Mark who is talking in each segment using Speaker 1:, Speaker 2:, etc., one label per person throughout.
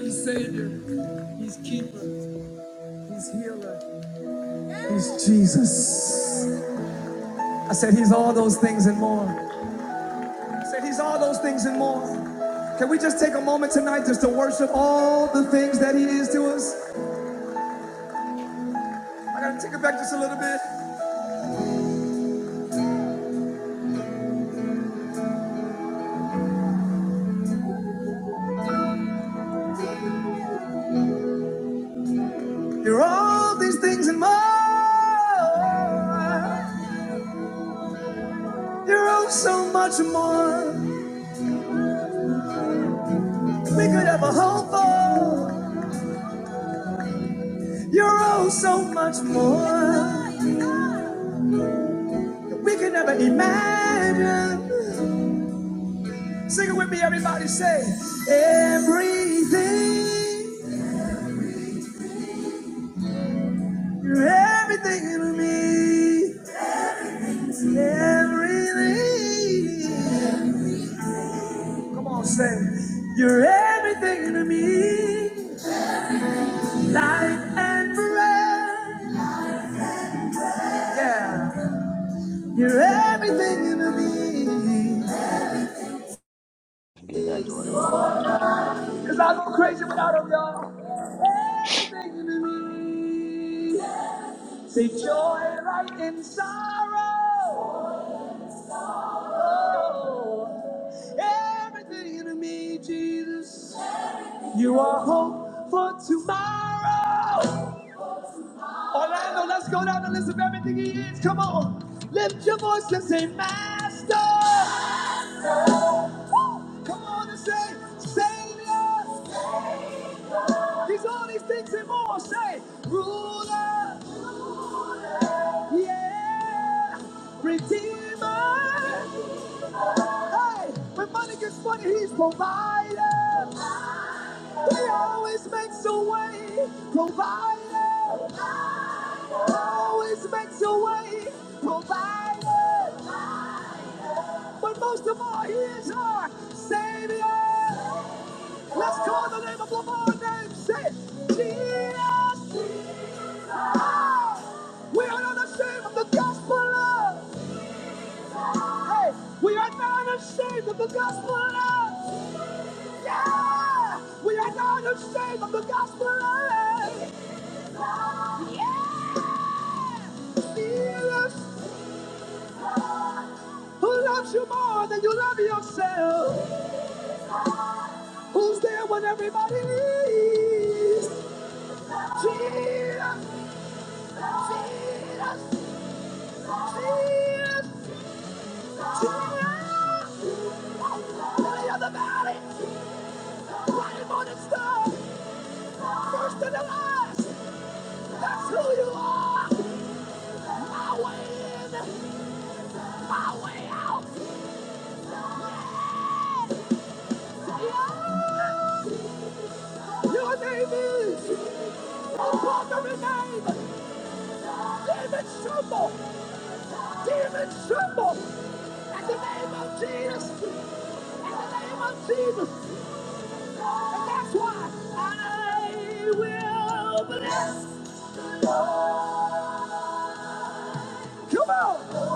Speaker 1: He's Savior. He's Keeper. He's Healer. He's Jesus. I said He's all those things and more. I said He's all those things and more. Can we just take a moment tonight just to worship all the things that He is to us? I gotta take it back just a little bit. You're all these things and more. You're oh so much more. We could have a whole for. You're oh so much more. We could never imagine. Sing it with me, everybody. Say, everything, you're everything to me. Everything. Come on, say, you're everything to me. Life and breath. Yeah, you're everything to me. Cause I go crazy without 'em, y'all. Everything to me. Say joy right in sorrow. Everything in me, Jesus. You are hope for tomorrow. Orlando, let's go down the list of everything He is. Come on, lift your voice and say, Master. Woo! Come on and say, Savior. He's all these things and more. Say, Ruler. Yeah. Redeemer. Hey, when money gets funny, He's provider. He always makes a way, provider. Always makes a way, provider. But most of all, he is our savior. Let's call the name above all names. Say, it. Jesus. We are not ashamed of the gospel. Lord. Hey, we are not ashamed of the gospel. Lord. Yeah, we are not ashamed of the gospel. Lord. Yeah. Who loves you more than you love yourself? Who's there when everybody needs? Jesus, Jesus, Jesus, Jesus. Lily of the valley, bright morning star, first and the last. That's who you are. My way in, my way out. Yeah. Your name is upon every name. Demons tremble. Demons tremble. At the name of Jesus. At the name of Jesus. And that's why I will bless. God. Come on.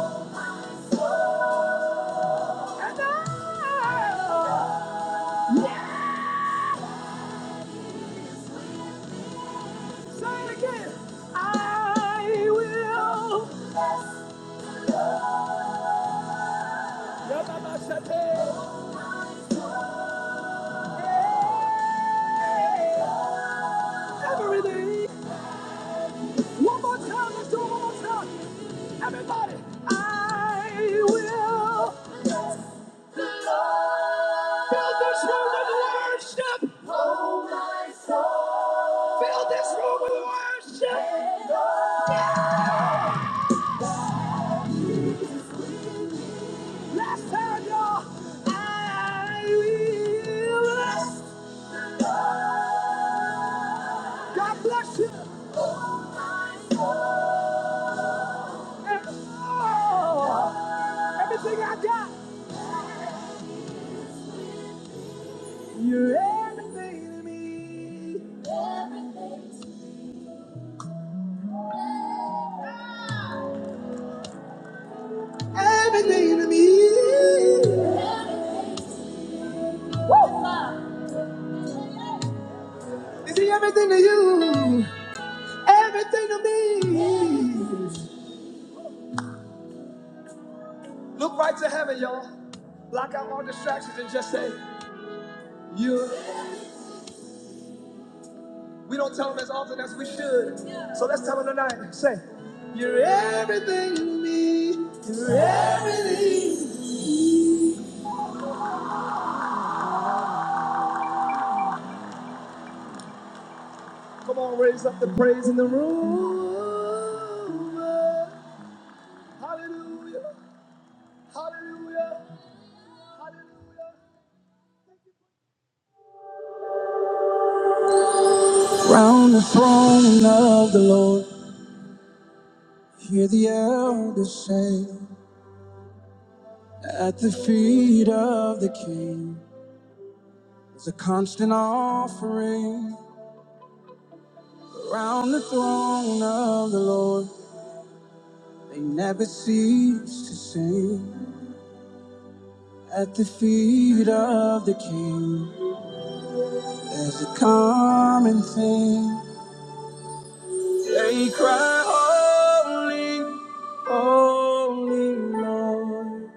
Speaker 1: And I. Yeah. Say it again. I will. Yeah, Mama, shut it. Yeah. everything. One more time, let's do it one more time. Everybody, I will fill this room with worship. Oh my soul. Fill this room with worship. Yeah. Last time, y'all. I will. God bless you. And oh, everything I got. You're everything to me. Everything to me. Everything to me. Woo! Is he everything to you? Everything to me. Look right to heaven, y'all. Block out all distractions and just say, You. We don't tell them as often as we should. So let's tell them tonight. Say, You're everything to me. You're everything. Come on, raise up the praise in the room. Hallelujah. Hallelujah. Hallelujah. Round the throne of the Lord, hear the elders say, At the feet of the King is a constant offering. Round the throne of the Lord, they never cease to sing. At the feet of the King, there's a common thing. They cry, Holy, Holy Lord.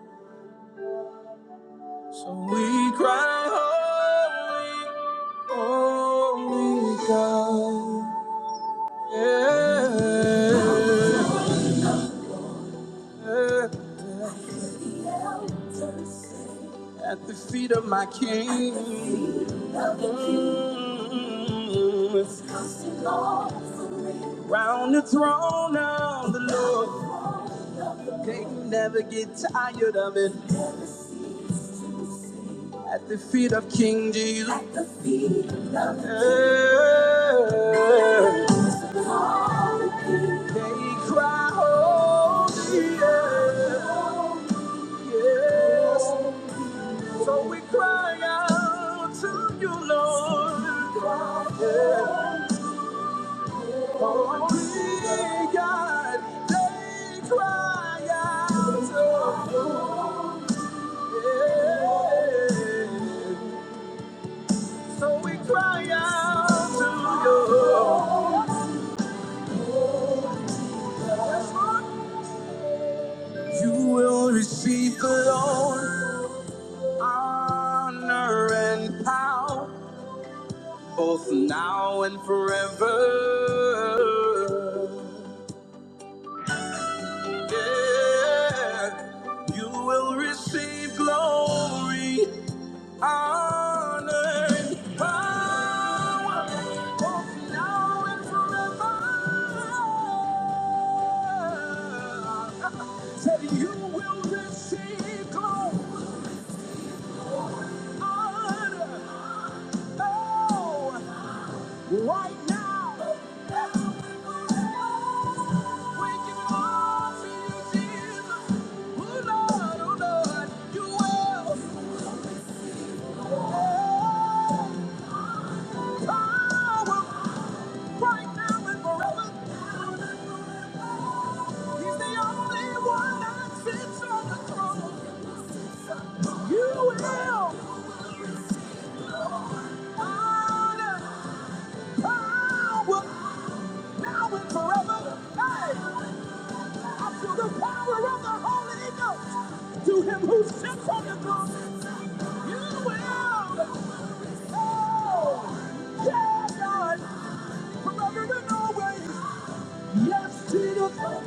Speaker 1: So we cry, Holy, Holy God. Yeah. Yeah. At the feet of my King. Mm. Round the throne of the Lord. They can never get tired of it. At the feet of King Jesus. Yeah. They cry, holy. yeah. Yes. So we cry out to you, Lord. Yes. Oh, we God, they cry out to you. Yes. So we cry out to you. Yes, Lord. You will receive the Lord honor and power. both now and forever. Yeah. You will receive glory, honor, and power, both now and forever. Said you will receive glory, honor, oh. Right now, we give it all to you, Jesus. Oh Lord, oh Lord, you will power right now and forever. He's the only one that sits on the throne. You will power, power. now and forever. Hey, I feel the power of the Holy Ghost. To him who sits on the throne, you will. Oh, yeah, God, forever and always. Yes, Jesus.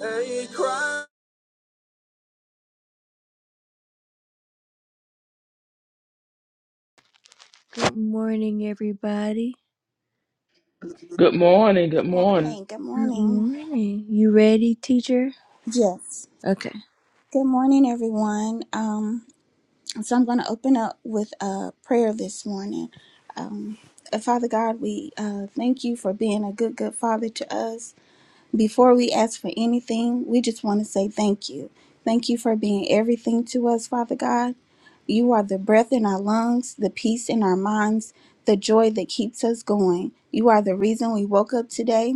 Speaker 1: Hey, Christ. Good morning, everybody.
Speaker 2: Good morning.
Speaker 3: Good
Speaker 2: Good morning.
Speaker 3: morning. Good
Speaker 1: Good
Speaker 3: morning.
Speaker 1: morning. You ready, teacher?
Speaker 3: Yes.
Speaker 1: Okay.
Speaker 3: Good morning, everyone. Um, so I'm going to open up with a prayer this morning. Um, uh, Father God, we uh, thank you for being a good, good Father to us. Before we ask for anything, we just want to say thank you. Thank you for being everything to us, Father God. You are the breath in our lungs, the peace in our minds, the joy that keeps us going. You are the reason we woke up today.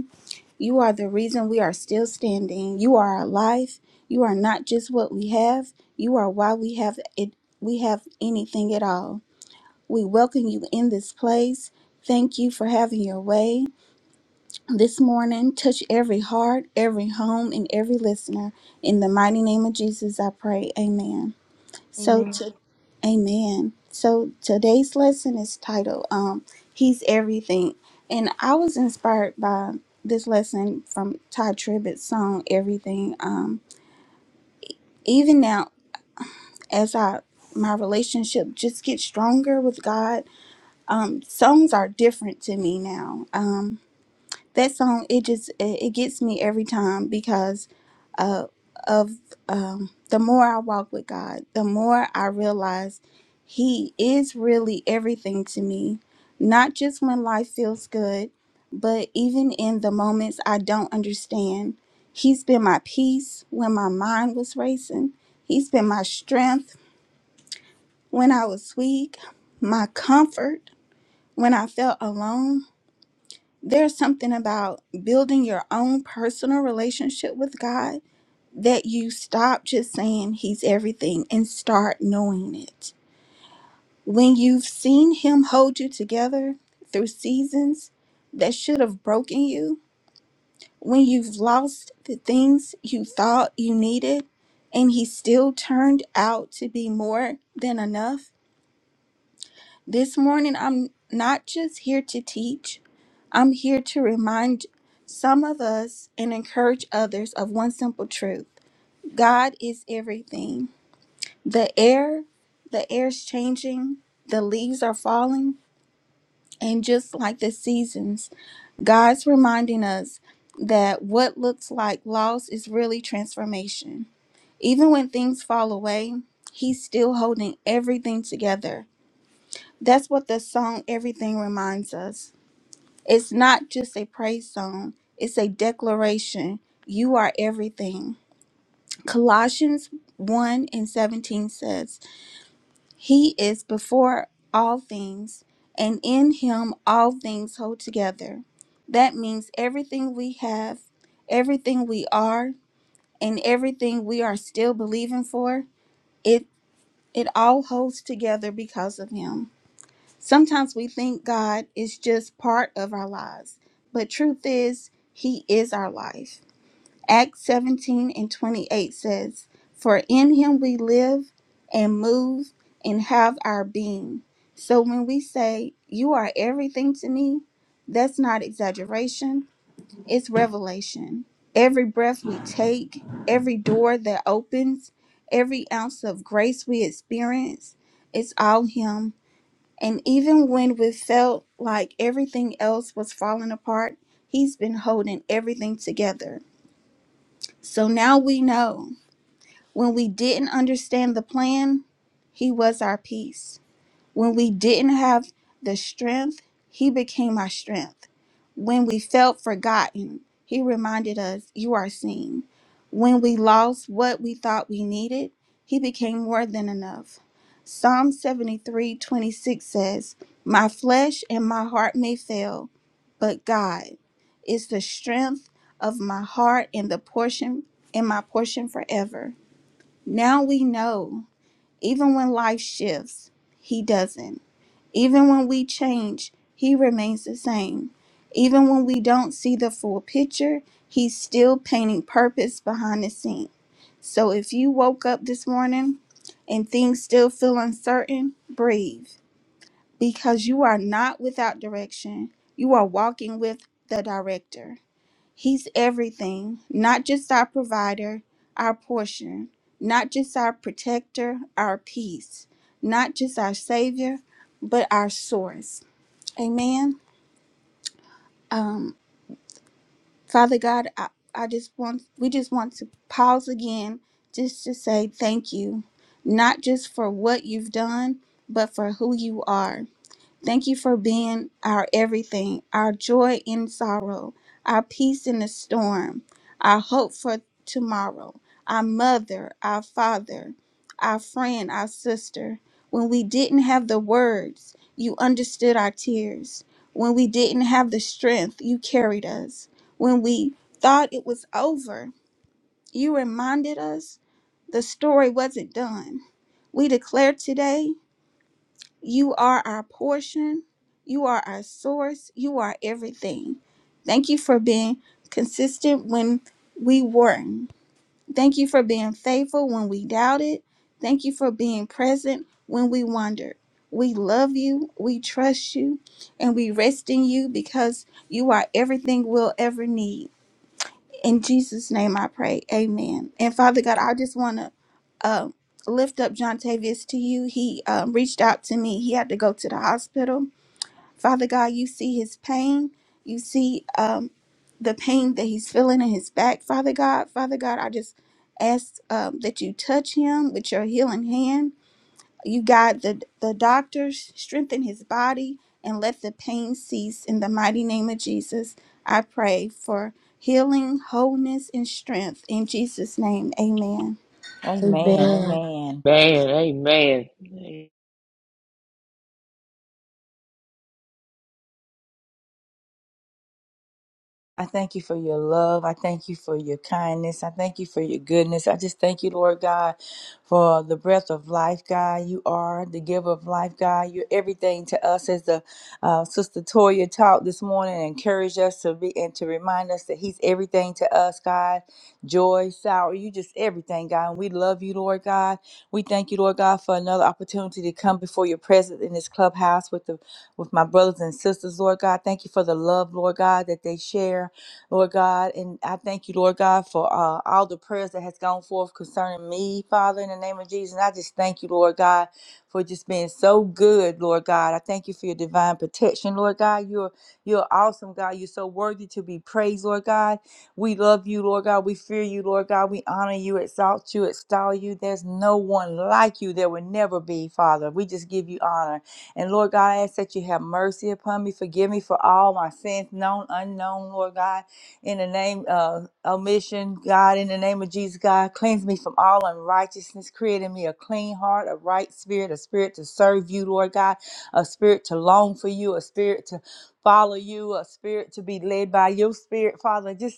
Speaker 3: You are the reason we are still standing. You are our life. You are not just what we have. You are why we have it we have anything at all. We welcome you in this place. Thank you for having your way. This morning, touch every heart, every home, and every listener. In the mighty name of Jesus, I pray. Amen. So
Speaker 1: Amen.
Speaker 3: to Amen. So today's lesson is titled um He's Everything. And I was inspired by this lesson from Ty Tribbett's song Everything. Um even now as I my relationship just gets stronger with God, um songs are different to me now. Um that song it just it, it gets me every time because uh, of um, the more I walk with God, the more I realize He is really everything to me. Not just when life feels good, but even in the moments I don't understand. He's been my peace when my mind was racing. He's been my strength when I was weak, my comfort when I felt alone. There's something about building your own personal relationship with God that you stop just saying he's everything and start knowing it. When you've seen him hold you together through seasons that should have broken you, when you've lost the things you thought you needed and he still turned out to be more than enough, this morning I'm not just here to teach, I'm here to remind some of us and encourage others of one simple truth God is everything. the air the air's changing the leaves are falling and just like the seasons god's reminding us that what looks like loss is really transformation even when things fall away he's still holding everything together that's what the song everything reminds us it's not just a praise song it's a declaration you are everything colossians 1 and 17 says He is before all things, and in him all things hold together. That means everything we have, everything we are, and everything we are still believing for, it it all holds together because of him. Sometimes we think God is just part of our lives, but truth is he is our life. Acts 17 and 28 says, For in him we live and move and have our being. So when we say, You are everything to me, that's not exaggeration, it's revelation. Every breath we take, every door that opens, every ounce of grace we experience, it's all him. And even when we felt like everything else was falling apart, he's been holding everything together. So now we know when we didn't understand the plan, He was our peace. When we didn't have the strength, He became our strength. When we felt forgotten, He reminded us, You are seen. When we lost what we thought we needed, He became more than enough. Psalm 73 26 says, My flesh and my heart may fail, but God is the strength of my heart and the portion and my portion forever. Now we know, even when life shifts, He doesn't. Even when we change, He remains the same. Even when we don't see the full picture, He's still painting purpose behind the scene. So if you woke up this morning and things still feel uncertain, breathe because you are not without direction. You are walking with the director. He's everything, not just our provider, our portion, not just our protector, our peace, not just our savior, but our source. Amen. Um, Father God, I, I just want we just want to pause again just to say thank you, not just for what you've done, but for who you are. Thank you for being our everything, our joy in sorrow, our peace in the storm, our hope for tomorrow, our mother, our father, our friend, our sister. When we didn't have the words, you understood our tears. When we didn't have the strength, you carried us. When we thought it was over, you reminded us the story wasn't done. We declare today you are our portion. You are our source. You are everything. Thank you for being consistent when we weren't. Thank you for being faithful when we doubted. Thank you for being present when we wondered. We love you. We trust you. And we rest in you because you are everything we'll ever need. In Jesus' name I pray. Amen. And Father God, I just want to uh, lift up John Tavius to you. He um, reached out to me. He had to go to the hospital. Father God, you see his pain. You see um, the pain that he's feeling in his back, Father God. Father God, I just ask um, that you touch him with your healing hand. You God, the the doctors strengthen his body and let the pain cease in the mighty name of Jesus. I pray for healing, wholeness, and strength in Jesus' name. Amen.
Speaker 4: Amen. Amen.
Speaker 2: Man, amen.
Speaker 4: I thank you for your love. I thank you for your kindness. I thank you for your goodness. I just thank you, Lord God, for the breath of life, God. You are the giver of life, God. You're everything to us, as the uh, Sister Toya taught this morning, and encouraged us to be and to remind us that He's everything to us, God. Joy, sour, you just everything, God. And we love you, Lord God. We thank you, Lord God, for another opportunity to come before Your presence in this clubhouse with the with my brothers and sisters, Lord God. Thank you for the love, Lord God, that they share. Lord God. And I thank you, Lord God, for uh, all the prayers that has gone forth concerning me, Father, in the name of Jesus. And I just thank you, Lord God, for just being so good, Lord God. I thank you for your divine protection, Lord God. You're you're awesome, God. You're so worthy to be praised, Lord God. We love you, Lord God. We fear you, Lord God. We honor you, exalt you, extol you. There's no one like you. There will never be, Father. We just give you honor. And Lord God, I ask that you have mercy upon me. Forgive me for all my sins, known, unknown, Lord God in the name of omission, God, in the name of Jesus, God, cleanse me from all unrighteousness, create in me a clean heart, a right spirit, a spirit to serve you, Lord God, a spirit to long for you, a spirit to follow you, a spirit to be led by your spirit, Father. Just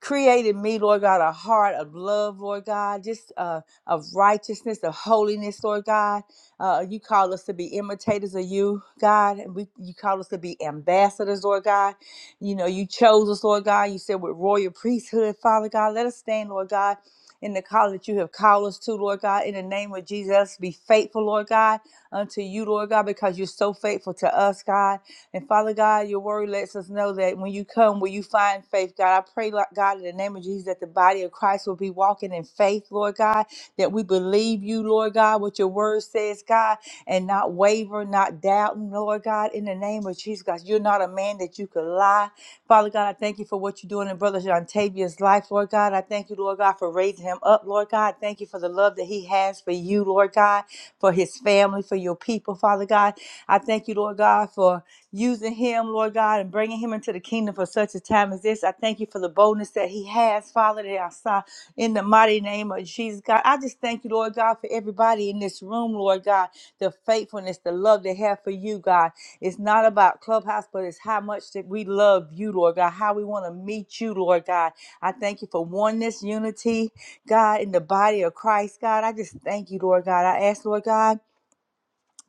Speaker 4: Created me, Lord God, a heart of love, Lord God, just uh, of righteousness, of holiness, Lord God. Uh, you call us to be imitators of you, God, and we, you call us to be ambassadors, Lord God. You know, you chose us, Lord God. You said with royal priesthood, Father God, let us stand, Lord God, in the call that you have called us to, Lord God. In the name of Jesus, be faithful, Lord God, unto you, Lord God, because you're so faithful to us, God. And Father God, your word lets us know that when you come, will you find faith, God? I pray, Lord God, in the name of Jesus, that the body of Christ will be walking in faith, Lord God, that we believe you, Lord God, what your word says, God, and not waver, not doubting, Lord God, in the name of Jesus, God. You're not a man that you could lie. Father God, I thank you for what you're doing in Brother Jontavia's life, Lord God. I thank you, Lord God, for raising him up, Lord God. Thank you for the love that he has for you, Lord God, for his family, for your people, Father God. I thank you, Lord God, for using him, Lord God, and bringing him into the kingdom for such a time as this. I thank you for the boldness that he has, Father, that I saw in the mighty name of Jesus, God. I just thank you, Lord God, for everybody in this room, Lord God, the faithfulness, the love they have for you, God. It's not about Clubhouse, but it's how much that we love you, Lord God, how we want to meet you, Lord God. I thank you for oneness, unity, God, in the body of Christ, God. I just thank you, Lord God. I ask, Lord God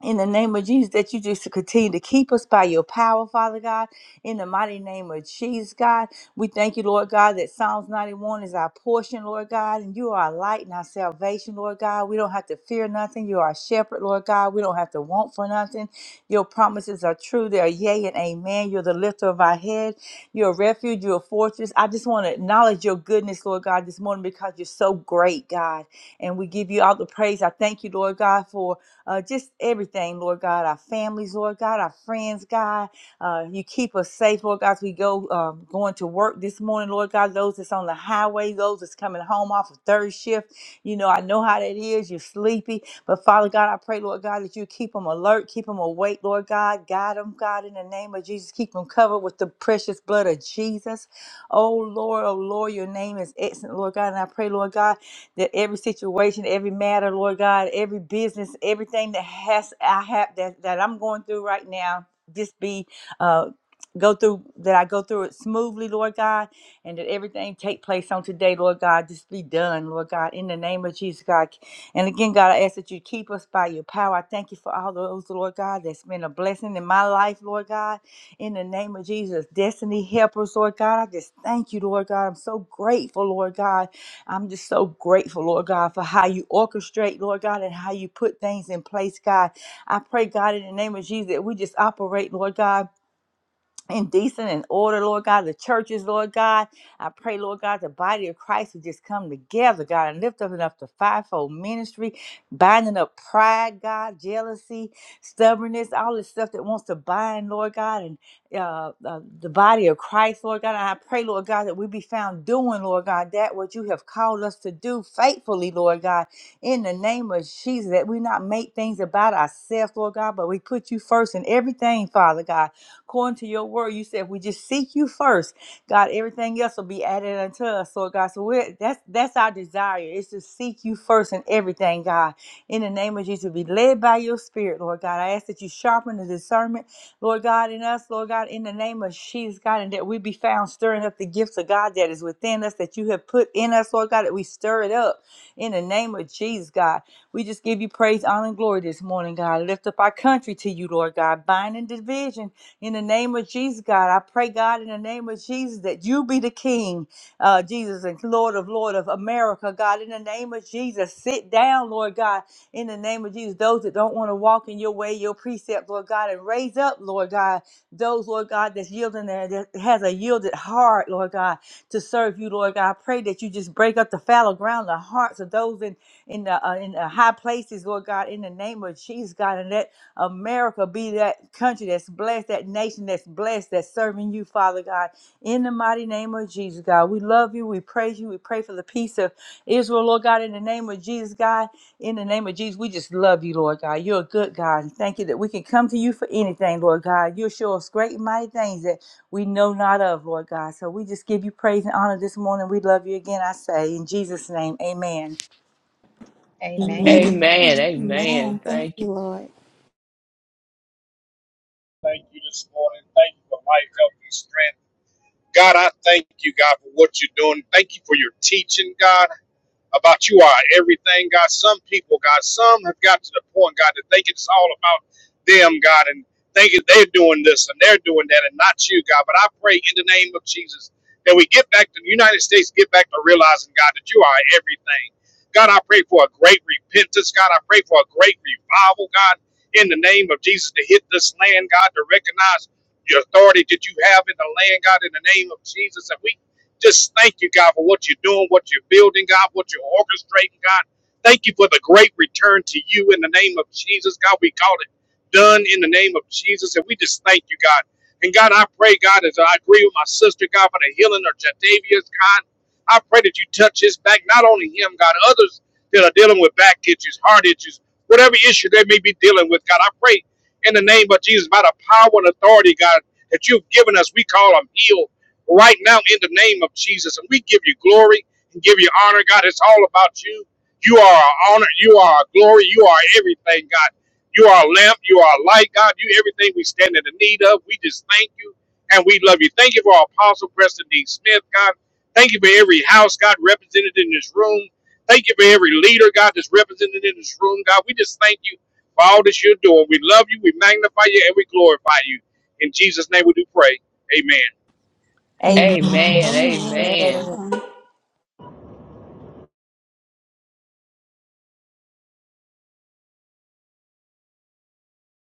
Speaker 4: in the name of Jesus, that you just continue to keep us by your power, Father God. In the mighty name of Jesus, God, we thank you, Lord God, that Psalms 91 is our portion, Lord God, and you are our light and our salvation, Lord God. We don't have to fear nothing. You are our shepherd, Lord God. We don't have to want for nothing. Your promises are true. They are yea and amen. You're the lifter of our head. You're a refuge. You're a fortress. I just want to acknowledge your goodness, Lord God, this morning because you're so great, God. And we give you all the praise. I thank you, Lord God, for uh, just everything, Lord God, our families, Lord God, our friends, God. Uh, you keep us safe, Lord God, as we go um, going to work this morning, Lord God, those that's on the highway, those that's coming home off of third shift. You know, I know how that is. You're sleepy. But Father God, I pray, Lord God, that you keep them alert, keep them awake, Lord God. Guide them, God, in the name of Jesus. Keep them covered with the precious blood of Jesus. Oh Lord, oh Lord, your name is excellent, Lord God. And I pray, Lord God, that every situation, every matter, Lord God, every business, everything that has I have that, that I'm going through right now, just be uh go through that I go through it smoothly, Lord God, and that everything take place on today, Lord God, just be done, Lord God, in the name of Jesus, God. And again, God, I ask that you keep us by your power. I thank you for all those, Lord God, that's been a blessing in my life, Lord God, in the name of Jesus. Destiny helpers, Lord God, I just thank you, Lord God. I'm so grateful, Lord God I'm just so grateful, Lord God, for how you orchestrate, Lord God, and how you put things in place, God. I pray, God, in the name of Jesus, that we just operate, Lord God and decent and order, Lord God, the churches, Lord God. I pray, Lord God, the body of Christ would just come together, God, and lift up enough the fivefold ministry, binding up pride, God, jealousy, stubbornness, all this stuff that wants to bind, Lord God, and uh, uh, the body of Christ, Lord God. And I pray, Lord God, that we be found doing, Lord God, that what you have called us to do faithfully, Lord God, in the name of Jesus, that we not make things about ourselves, Lord God, but we put you first in everything, Father God according to your word. You said, if we just seek you first, God, everything else will be added unto us. So, God, so we're, that's that's our desire is to seek you first in everything, God. In the name of Jesus, be led by your spirit, Lord God. I ask that you sharpen the discernment, Lord God, in us, Lord God, in the name of Jesus, God, and that we be found stirring up the gifts of God that is within us, that you have put in us, Lord God, that we stir it up in the name of Jesus, God. We just give you praise, honor, and glory this morning, God. Lift up our country to you, Lord God. Binding division in the name of Jesus, God, I pray, God, in the name of Jesus, that you be the King, uh, Jesus, and Lord of Lord of America, God. In the name of Jesus, sit down, Lord God. In the name of Jesus, those that don't want to walk in your way, your precept, Lord God, and raise up, Lord God, those, Lord God, that's yielding there, that has a yielded heart, Lord God, to serve you, Lord God. I pray that you just break up the fallow ground, the hearts of those in in the uh, in the high places, Lord God, in the name of Jesus, God, and let America be that country that's blessed, that nation that's blessed, that's serving you, Father God. In the mighty name of Jesus, God, we love you. We praise you. We pray for the peace of Israel, Lord God. In the name of Jesus, God, in the name of Jesus, we just love you, Lord God. You're a good God. And thank you that we can come to you for anything, Lord God. You'll show us great and mighty things that we know not of, Lord God. So we just give you praise and honor this morning. We love you again, I say. In Jesus' name, amen.
Speaker 5: Amen.
Speaker 1: Amen.
Speaker 2: Amen.
Speaker 3: Amen.
Speaker 2: Amen.
Speaker 3: Thank
Speaker 2: Thank
Speaker 3: you,
Speaker 2: you.
Speaker 3: Lord.
Speaker 6: thank you this morning. Thank you for life, health, and strength. God, I thank you, God, for what you're doing. Thank you for your teaching, God about you are everything, God. Some people, God, some have got to the point, God, that think it's all about them, God, and thinking they're doing this and they're doing that and not you, God. But I pray in the name of Jesus that we get back to the United States, get back to realizing, God, that you are everything. God, I pray for a great repentance, God. I pray for a great revival, God, in the name of Jesus to hit this land, God, to recognize your authority that you have in the land, God, in the name of Jesus. And we just thank you, God, for what you're doing, what you're building, God, what you're orchestrating, God. Thank you for the great return to you in the name of Jesus, God. We call it done in the name of Jesus, and we just thank you, God. And God, I pray, God, as I agree with my sister, God, for the healing of Jadavia's, God. I pray that you touch his back, not only him, God, others that are dealing with back issues, heart issues, whatever issue they may be dealing with, God. I pray in the name of Jesus, by the power and authority, God, that you've given us, we call them healed right now in the name of Jesus. And we give you glory and give you honor, God. It's all about you. You are our honor. You are our glory. You are everything, God. You are a lamp. You are a light, God. You everything we stand in the need of. We just thank you and we love you. Thank you for our apostle, Preston D. Smith, God. Thank you for every house, God, represented in this room. Thank you for every leader, God, that's represented in this room, God. We just thank you for all that you're doing. We love you, we magnify you, and we glorify you. In Jesus' name we do pray. Amen.
Speaker 4: Amen.
Speaker 2: Amen.
Speaker 5: Amen.
Speaker 3: Amen.
Speaker 2: Amen.
Speaker 7: Amen.
Speaker 3: Amen.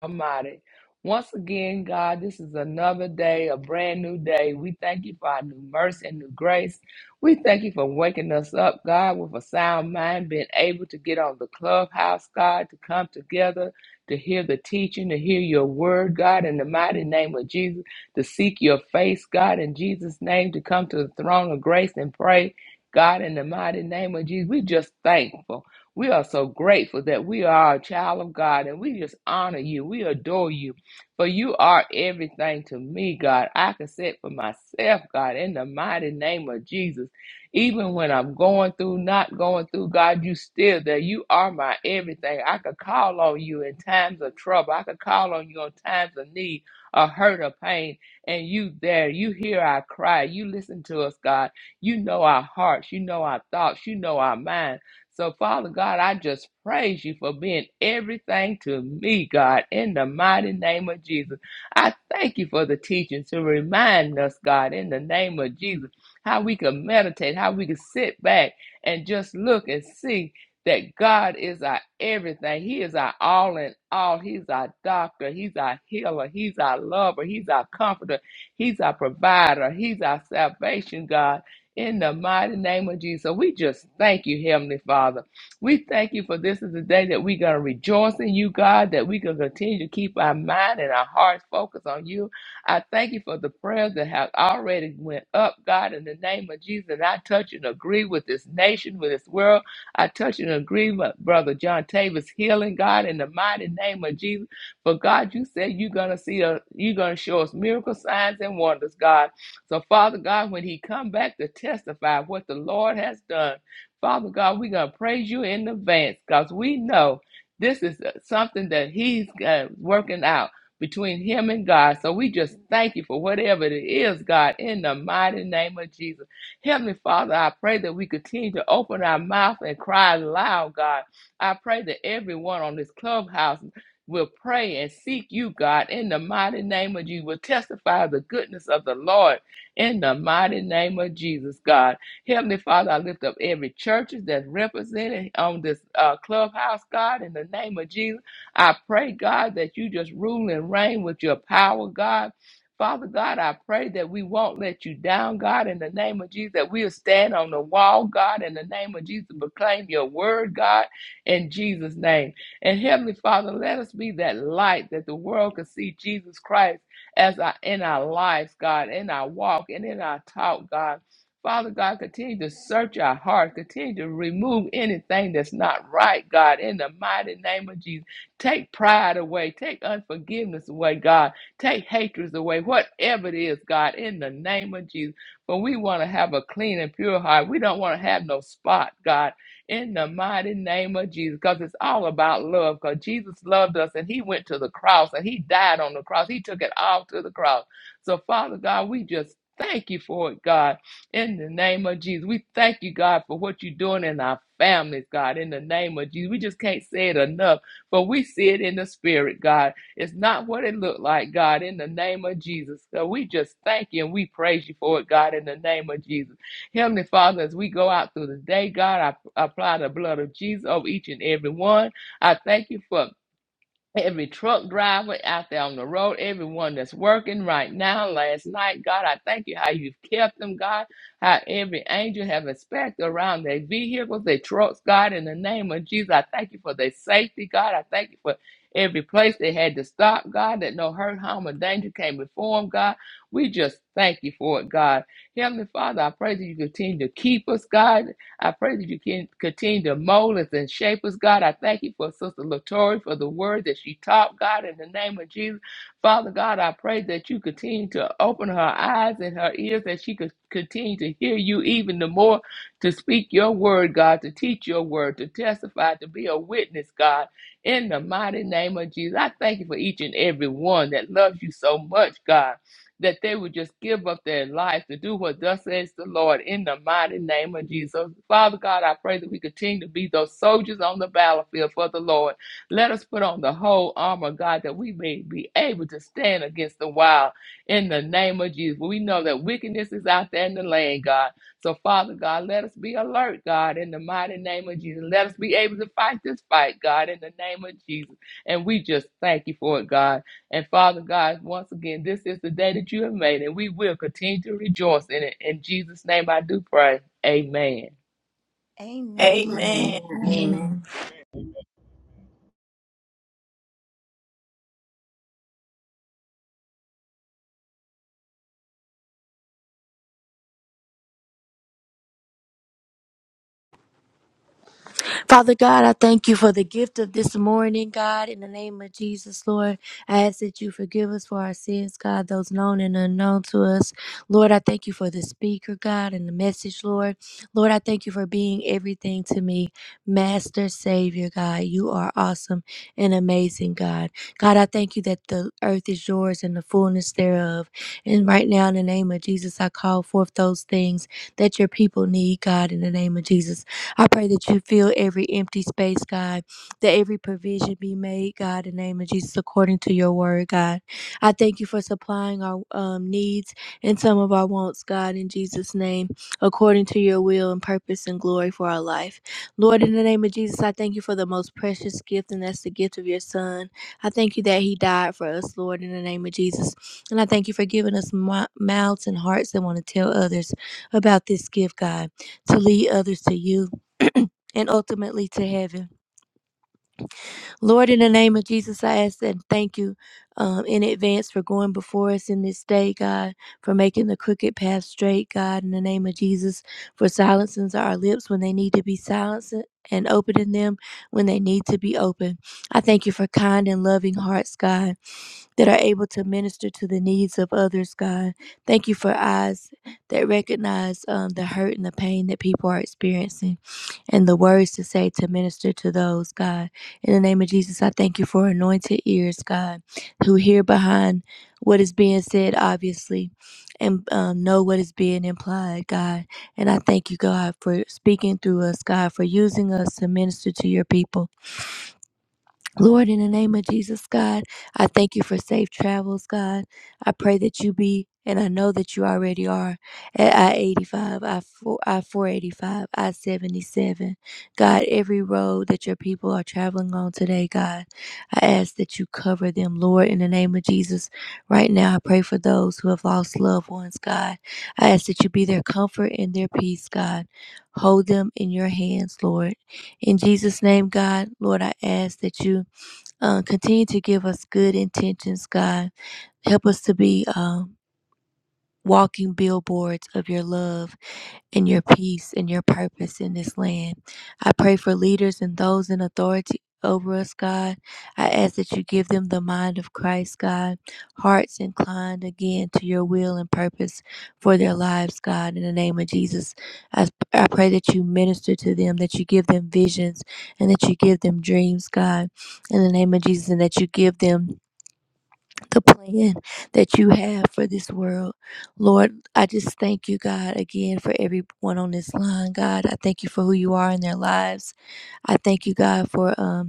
Speaker 2: Almighty. Once again, God, this is another day, a brand new day. We thank you for our new mercy and new grace. We thank you for waking us up, God, with a sound mind, being able to get on the clubhouse, God, to come together, to hear the teaching, to hear your word, God, in the mighty name of Jesus, to seek your face, God, in Jesus' name, to come to the throne of grace and pray, God, in the mighty name of Jesus. We just thankful. We are so grateful that we are a child of God and we just honor you. We adore you. For you are everything to me, God. I can say it for myself, God, in the mighty name of Jesus. Even when I'm going through, not going through, God, you still there. You are my everything. I could call on you in times of trouble. I could call on you in times of need or hurt or pain. And you there. You hear our cry. You listen to us, God. You know our hearts. You know our thoughts. You know our minds. So, Father God, I just praise you for being everything to me, God, in the mighty name of Jesus. I thank you for the teaching to remind us, God, in the name of Jesus, how we can meditate, how we can sit back and just look and see that God is our everything. He is our all in all. He's our doctor. He's our healer. He's our lover. He's our comforter. He's our provider. He's our salvation, God. In the mighty name of Jesus. So we just thank you, Heavenly Father. We thank you for this is the day that we're going to rejoice in you, God, that we can continue to keep our mind and our hearts focused on you. I thank you for the prayers that have already went up, God, in the name of Jesus. And I touch and agree with this nation, with this world. I touch and agree with Brother John Tavis healing, God, in the mighty name of Jesus. But God, you said you're gonna see a you're gonna show us miracle signs and wonders, God. So, Father God, when he come back to testify of what the Lord has done, Father God, we're going to praise you in advance because we know this is uh, something that he's uh, working out between him and God. So we just thank you for whatever it is, God, in the mighty name of Jesus. Heavenly Father, I pray that we continue to open our mouth and cry loud, God. I pray that everyone on this clubhouse will pray and seek you, God, in the mighty name of you, will testify of the goodness of the Lord in the mighty name of Jesus, God. Heavenly Father, I lift up every church that's represented on this uh, clubhouse, God, in the name of Jesus. I pray, God, that you just rule and reign with your power, God. Father God, I pray that we won't let you down, God, in the name of Jesus, that we'll stand on the wall, God, in the name of Jesus, proclaim your word, God, in Jesus' name. And Heavenly Father, let us be that light that the world can see Jesus Christ as I, in our lives, God, in our walk and in our talk, God. Father God, continue to search our heart. Continue to remove anything that's not right, God, in the mighty name of Jesus. Take pride away. Take unforgiveness away, God. Take hatreds away. Whatever it is, God, in the name of Jesus. For we want to have a clean and pure heart. We don't want to have no spot, God in the mighty name of Jesus, because it's all about love. Because Jesus loved us and He went to the cross and He died on the cross. He took it all to the cross. So, Father God, we just thank you for it, God, in the name of Jesus. We thank you, God, for what you're doing in our families, God, in the name of Jesus. We just can't say it enough, but we see it in the spirit, God. It's not what it looked like, God, in the name of Jesus. So, we just thank you and we praise you for it, God, in the name of Jesus. Heavenly Father, as we go out through this day, God, I I apply the blood of Jesus over each and every one. I thank you for every truck driver out there on the road, everyone that's working right now, last night, God, I thank you how you've kept them, God, how every angel have inspected around their vehicles, their trucks, God, in the name of Jesus, I thank you for their safety, God, I thank you for every place they had to stop, God, that no hurt, harm, or danger came before them, God, we just thank you for it, God. Heavenly Father, I pray that you continue to keep us, God, I pray that you can continue to mold us and shape us, God. I thank you for Sister Latoya for the word that she taught, God, in the name of Jesus. Father God, I pray that you continue to open her eyes and her ears, that she could continue to hear you even the more, to speak your word, God, to teach your word, to testify, to be a witness, God, in the mighty name of Jesus. I thank you for each and every one that loves you so much, God that they would just give up their life to do what thus says the Lord in the mighty name of Jesus. Father God, I pray that we continue to be those soldiers on the battlefield for the Lord. Let us put on the whole armor, God, that we may be able to stand against the wild in the name of Jesus. We know that wickedness is out there in the land, God. So, Father God, let us be alert, God, in the mighty name of Jesus. Let us be able to fight this fight, God, in the name of Jesus. And we just thank you for it, God. And Father God, once again, this is the day that you have made, and we will continue to rejoice in it. In Jesus' name I do pray. Amen.
Speaker 3: Amen.
Speaker 5: Amen.
Speaker 7: Amen.
Speaker 3: Amen.
Speaker 5: Amen.
Speaker 1: Amen. Father God, I thank you for the gift of this morning, God. In the name of Jesus, Lord, I ask that you forgive us for our sins, God, those known and unknown to us. Lord, I thank you for the speaker, God, and the message, Lord. Lord, I thank you for being everything to me, Master, Savior, God. You are awesome and amazing, God. God, I thank you that the earth is yours and the fullness thereof. And right now, in the name of Jesus, I call forth those things that your people need, God, in the name of Jesus. I pray that you fill every empty space, God, that every provision be made, God, in the name of Jesus, according to your word, God. I thank you for supplying our um, needs and some of our wants, God, in Jesus' name, according to your will and purpose and glory for our life. Lord, in the name of Jesus, I thank you for the most precious gift, and that's the gift of your son. I thank you that he died for us, Lord, in the name of Jesus. And I thank you for giving us mou- mouths and hearts that want to tell others about this gift, God, to lead others to you and ultimately to heaven. Lord, in the name of Jesus, I ask and thank you um, in advance for going before us in this day, God, for making the crooked path straight, God, in the name of Jesus, for silencing our lips when they need to be silenced and opening them when they need to be open. I thank you for kind and loving hearts, God that are able to minister to the needs of others, God. Thank you for eyes that recognize um, the hurt and the pain that people are experiencing and the words to say to minister to those, God. In the name of Jesus, I thank you for anointed ears, God, who hear behind what is being said, obviously, and um, know what is being implied, God. And I thank you, God, for speaking through us, God, for using us to minister to your people. Lord, in the name of Jesus, God, I thank you for safe travels, God. I pray that you be, and I know that you already are, at I 85, I 485, I 77. God, every road that your people are traveling on today, God, I ask that you cover them, Lord, in the name of Jesus. Right now, I pray for those who have lost loved ones, God. I ask that you be their comfort and their peace, God. Hold them in your hands, Lord. In Jesus' name, God, Lord, I ask that you uh, continue to give us good intentions, God. Help us to be um, walking billboards of your love and your peace and your purpose in this land. I pray for leaders and those in authority over us, God. I ask that you give them the mind of Christ, God, hearts inclined again to your will and purpose for their lives, God. In the name of Jesus, I, I pray that you minister to them, that you give them visions, and that you give them dreams, God. In the name of Jesus, and that you give them the plan that you have for this world. Lord, I just thank you, God, again for everyone on this line, God. I thank you for who you are in their lives. I thank you, God, for um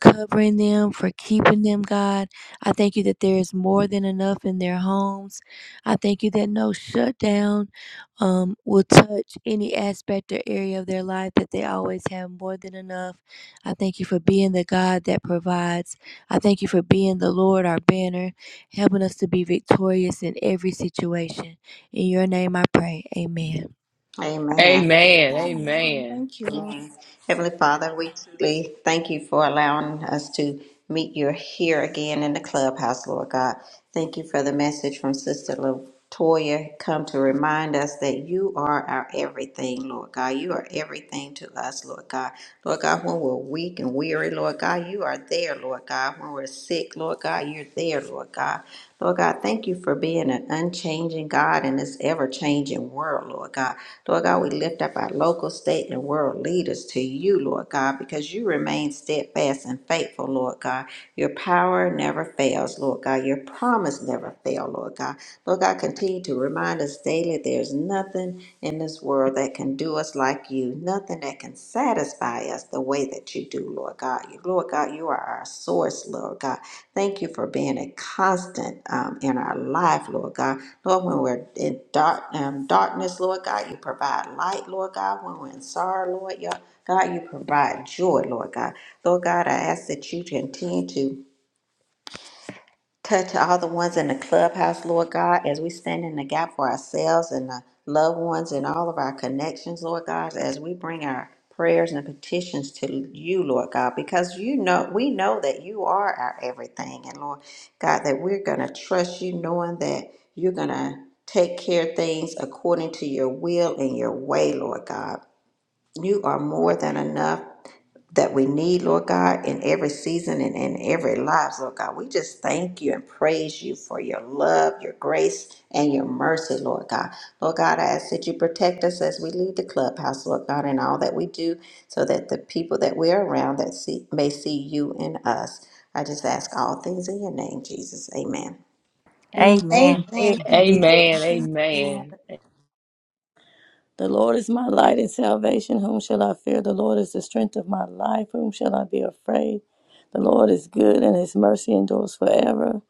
Speaker 1: covering them, for keeping them, God. I thank you that there is more than enough in their homes. I thank you that no shutdown um, will touch any aspect or area of their life, that they always have more than enough. I thank you for being the God that provides. I thank you for being the Lord, our banner, helping us to be victorious in every situation. In your name I pray. Amen.
Speaker 5: Amen.
Speaker 2: Amen.
Speaker 5: Amen.
Speaker 3: Amen.
Speaker 2: Amen.
Speaker 3: Thank you, Lord.
Speaker 5: Amen. Heavenly Father, we truly thank you for allowing us to meet you here again in the clubhouse, Lord God. Thank you for the message from Sister Latoya. Come to remind us that you are our everything, Lord God. You are everything to us, Lord God. Lord God, when we're weak and weary, Lord God, you are there, Lord God. When we're sick, Lord God, you're there, Lord God. Lord God, thank you for being an unchanging God in this ever changing world, Lord God. Lord God, we lift up our local, state, and world leaders to you, Lord God, because you remain steadfast and faithful, Lord God. Your power never fails, Lord God. Your promise never fails, Lord God. Lord God, continue to remind us daily there's nothing in this world that can do us like you, nothing that can satisfy us the way that you do, Lord God. You- Lord God, you are our source, Lord God. Thank you for being a constant um, in our life, Lord God. Lord, when we're in dark, um, darkness, Lord God, you provide light, Lord God. When we're in sorrow, Lord yeah, God, you provide joy, Lord God. Lord God, I ask that you continue to Touch all the ones in the clubhouse, Lord God, as we stand in the gap for ourselves and the loved ones and all of our connections, Lord God, as we bring our prayers and petitions to you, Lord God, because you know we know that you are our everything. And Lord God, that we're gonna trust you, knowing that you're gonna take care of things according to your will and your way, Lord God. You are more than enough that we need, Lord God, in every season and in every lives, Lord God. We just thank you and praise you for your love, your grace, and your mercy, Lord God. Lord God, I ask that you protect us as we leave the clubhouse, Lord God, and all that we do, so that the people that we're around that see may see you in us. I just ask all things in your name, Jesus. Amen.
Speaker 1: Amen.
Speaker 4: Amen. Thank
Speaker 3: Amen.
Speaker 4: you, Jesus.
Speaker 2: Amen. Amen.
Speaker 7: The Lord is my light and salvation. Whom shall I fear? The Lord is the strength of my life. Whom shall I be afraid? The Lord is good and his mercy endures forever.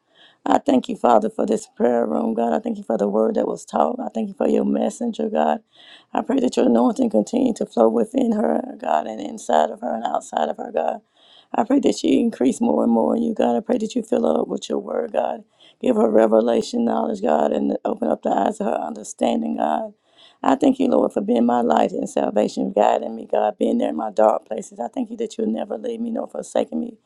Speaker 7: I thank you, Father, for this prayer room, God. I thank you for the word that was taught. I thank you for your messenger, God. I pray that your anointing continue to flow within her, God, and inside of her and outside of her, God. I pray that she increase more and more in you, God. I pray that you fill her up with your word, God. Give her revelation knowledge, God, and open up the eyes of her understanding, God. I thank you, Lord, for being my light and salvation, guiding me, God, being there in my dark places. I thank you that you'll never leave me nor forsake me,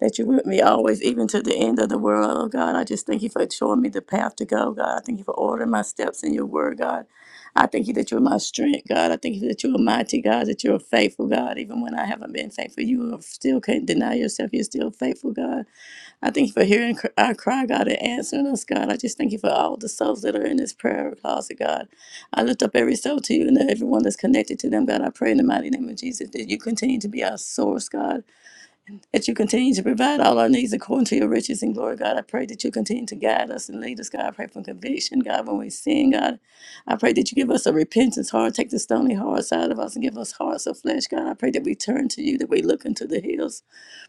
Speaker 7: that you're with me always, even to the end of the world, oh God. I just thank you for showing me the path to go, God. I thank you for ordering my steps in your word, God. I thank you that you're my strength, God. I thank you that you're a mighty God, that you're a faithful God. Even when I haven't been faithful, you are- still can't deny yourself. You're still faithful, God. I thank you for hearing cr- our cry, God, and answering us, God. I just thank you for all the souls that are in this prayer closet, God. I lift up every soul to you and everyone that's connected to them, God. I pray in the mighty name of Jesus that you continue to be our source, God. That you continue to provide all our needs according to your riches and glory, God. I pray that you continue to guide us and lead us, God. I pray for conviction, God, when we sin, God. I pray that you give us a repentance heart, take the stony hearts out of us and give us hearts of flesh, God. I pray that we turn to you, that we look into the hills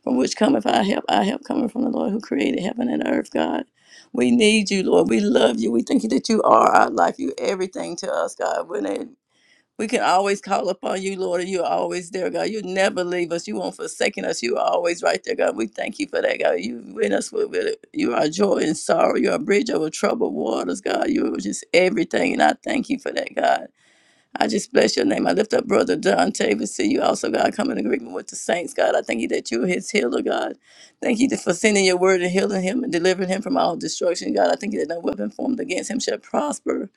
Speaker 7: from which cometh our help? Our help coming from the Lord who created heaven and earth, God. We need you, Lord. We love you. We thank you that you are our life. You everything to us, God. When it, we can always call upon you, Lord, and you're always there, God. You never leave us. You won't forsake us. You are always right there, God. We thank you for that, God. You with us with, with you are joy and sorrow. You're a bridge over troubled waters, God. You're just everything. And I thank you for that, God. I just bless your name. I lift up Brother Dante. We see you also, God, come in agreement with the saints, God. I thank you that you are his healer, God. Thank you for sending your word and healing him and delivering him from all destruction, God. I thank you that no weapon formed against him shall prosper.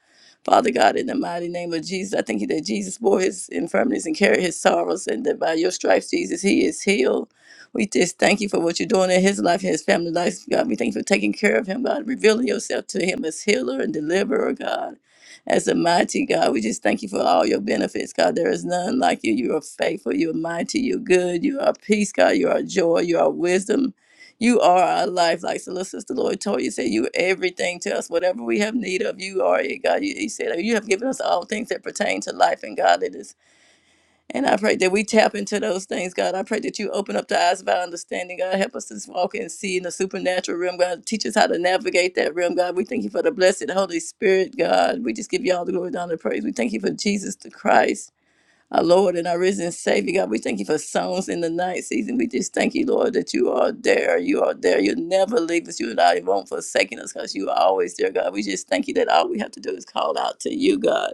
Speaker 7: Father God, in the mighty name of Jesus, I thank you that Jesus bore his infirmities and carried his sorrows, and that by your stripes, Jesus, he is healed. We just thank you for what you're doing in his life and his family life, God. We thank you for taking care of him, God, revealing yourself to him as healer and deliverer, God. As a mighty God, we just thank you for all your benefits, God. There is none like you. You are faithful. You are mighty. You're good. You are peace, God. You are joy. You are wisdom. You are our life. Like so, Sister Lord told you, said, You are everything to us. Whatever we have need of, you are it, God. You, he said, You have given us all things that pertain to life and godliness. And I pray that we tap into those things, God. I pray that you open up the eyes of our understanding, God. Help us to walk and see in the supernatural realm, God. Teach us how to navigate that realm, God. We thank you for the blessed Holy Spirit, God. We just give you all the glory, honor, and praise. We thank you for Jesus the Christ, our Lord and our risen Savior, God. We thank you for songs in the night season. We just thank you, Lord, that you are there. You are there. You'll never leave us. You not, you won't forsaken us because you are always there, God. We just thank you that all we have to do is call out to you, God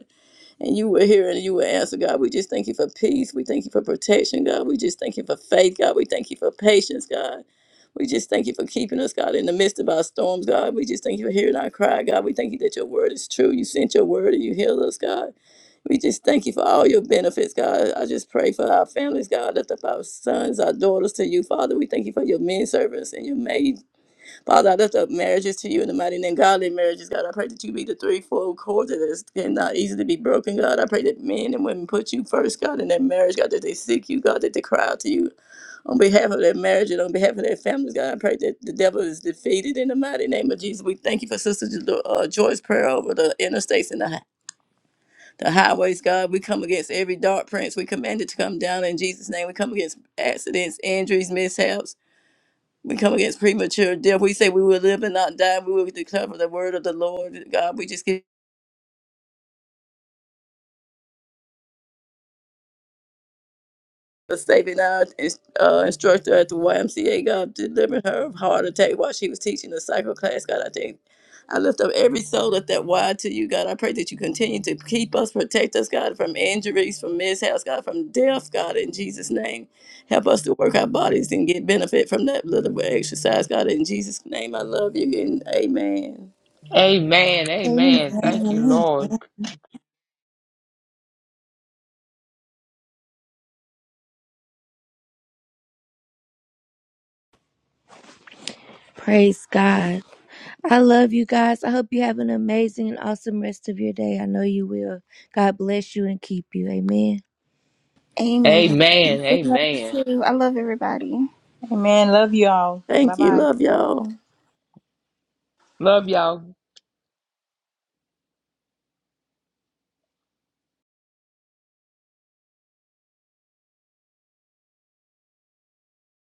Speaker 7: and you will hear and you will answer, God. We just thank you for peace. We thank you for protection, God. We just thank you for faith, God. We thank you for patience, God. We just thank you for keeping us, God, in the midst of our storms, God. We just thank you for hearing our cry, God. We thank you that your word is true. You sent your word and you healed us, God. We just thank you for all your benefits, God. I just pray for our families, God. Lift up our sons, our daughters to you, Father. We thank you for your men servants and your maid. Father, I lift up marriages to you in the mighty name, godly marriages, God. I pray that you be the threefold cord that is not easy to be broken, God. I pray that men and women put you first, God, in their marriage, God, that they seek you, God, that they cry out to you on behalf of their marriage and on behalf of their families, God. I pray that the devil is defeated in the mighty name of Jesus. We thank you for Sister Jo- uh, Joy's prayer over the interstates and the, hi- the highways, God. We come against every dark prince. We command it to come down in Jesus' name. We come against accidents, injuries, mishaps. We come against premature death. We say we will live and not die. We will declare the word of the Lord. God, we just keep a saving our uh, instructor at the YMCA. God, delivering her of heart attack while she was teaching the cycle class. God, I think I lift up every soul at that Y to you, God. I pray that you continue to keep us, protect us, God, from injuries, from mishaps, God, from death, God, in Jesus' name. Help us to work our bodies and get benefit from that little bit of exercise, God, in Jesus' name. I love you and amen.
Speaker 2: Amen. Amen. Thank you,
Speaker 3: Amen.
Speaker 2: Lord.
Speaker 1: Praise God. I love you guys. I hope you have an amazing and awesome rest of your day. I know you will. God bless you and keep you. Amen.
Speaker 3: Amen.
Speaker 2: Amen. Amen.
Speaker 3: Thank you. I love everybody.
Speaker 4: Amen. Love you all. Bye
Speaker 7: Thank you.
Speaker 4: bye.
Speaker 7: Love y'all.
Speaker 2: Love y'all.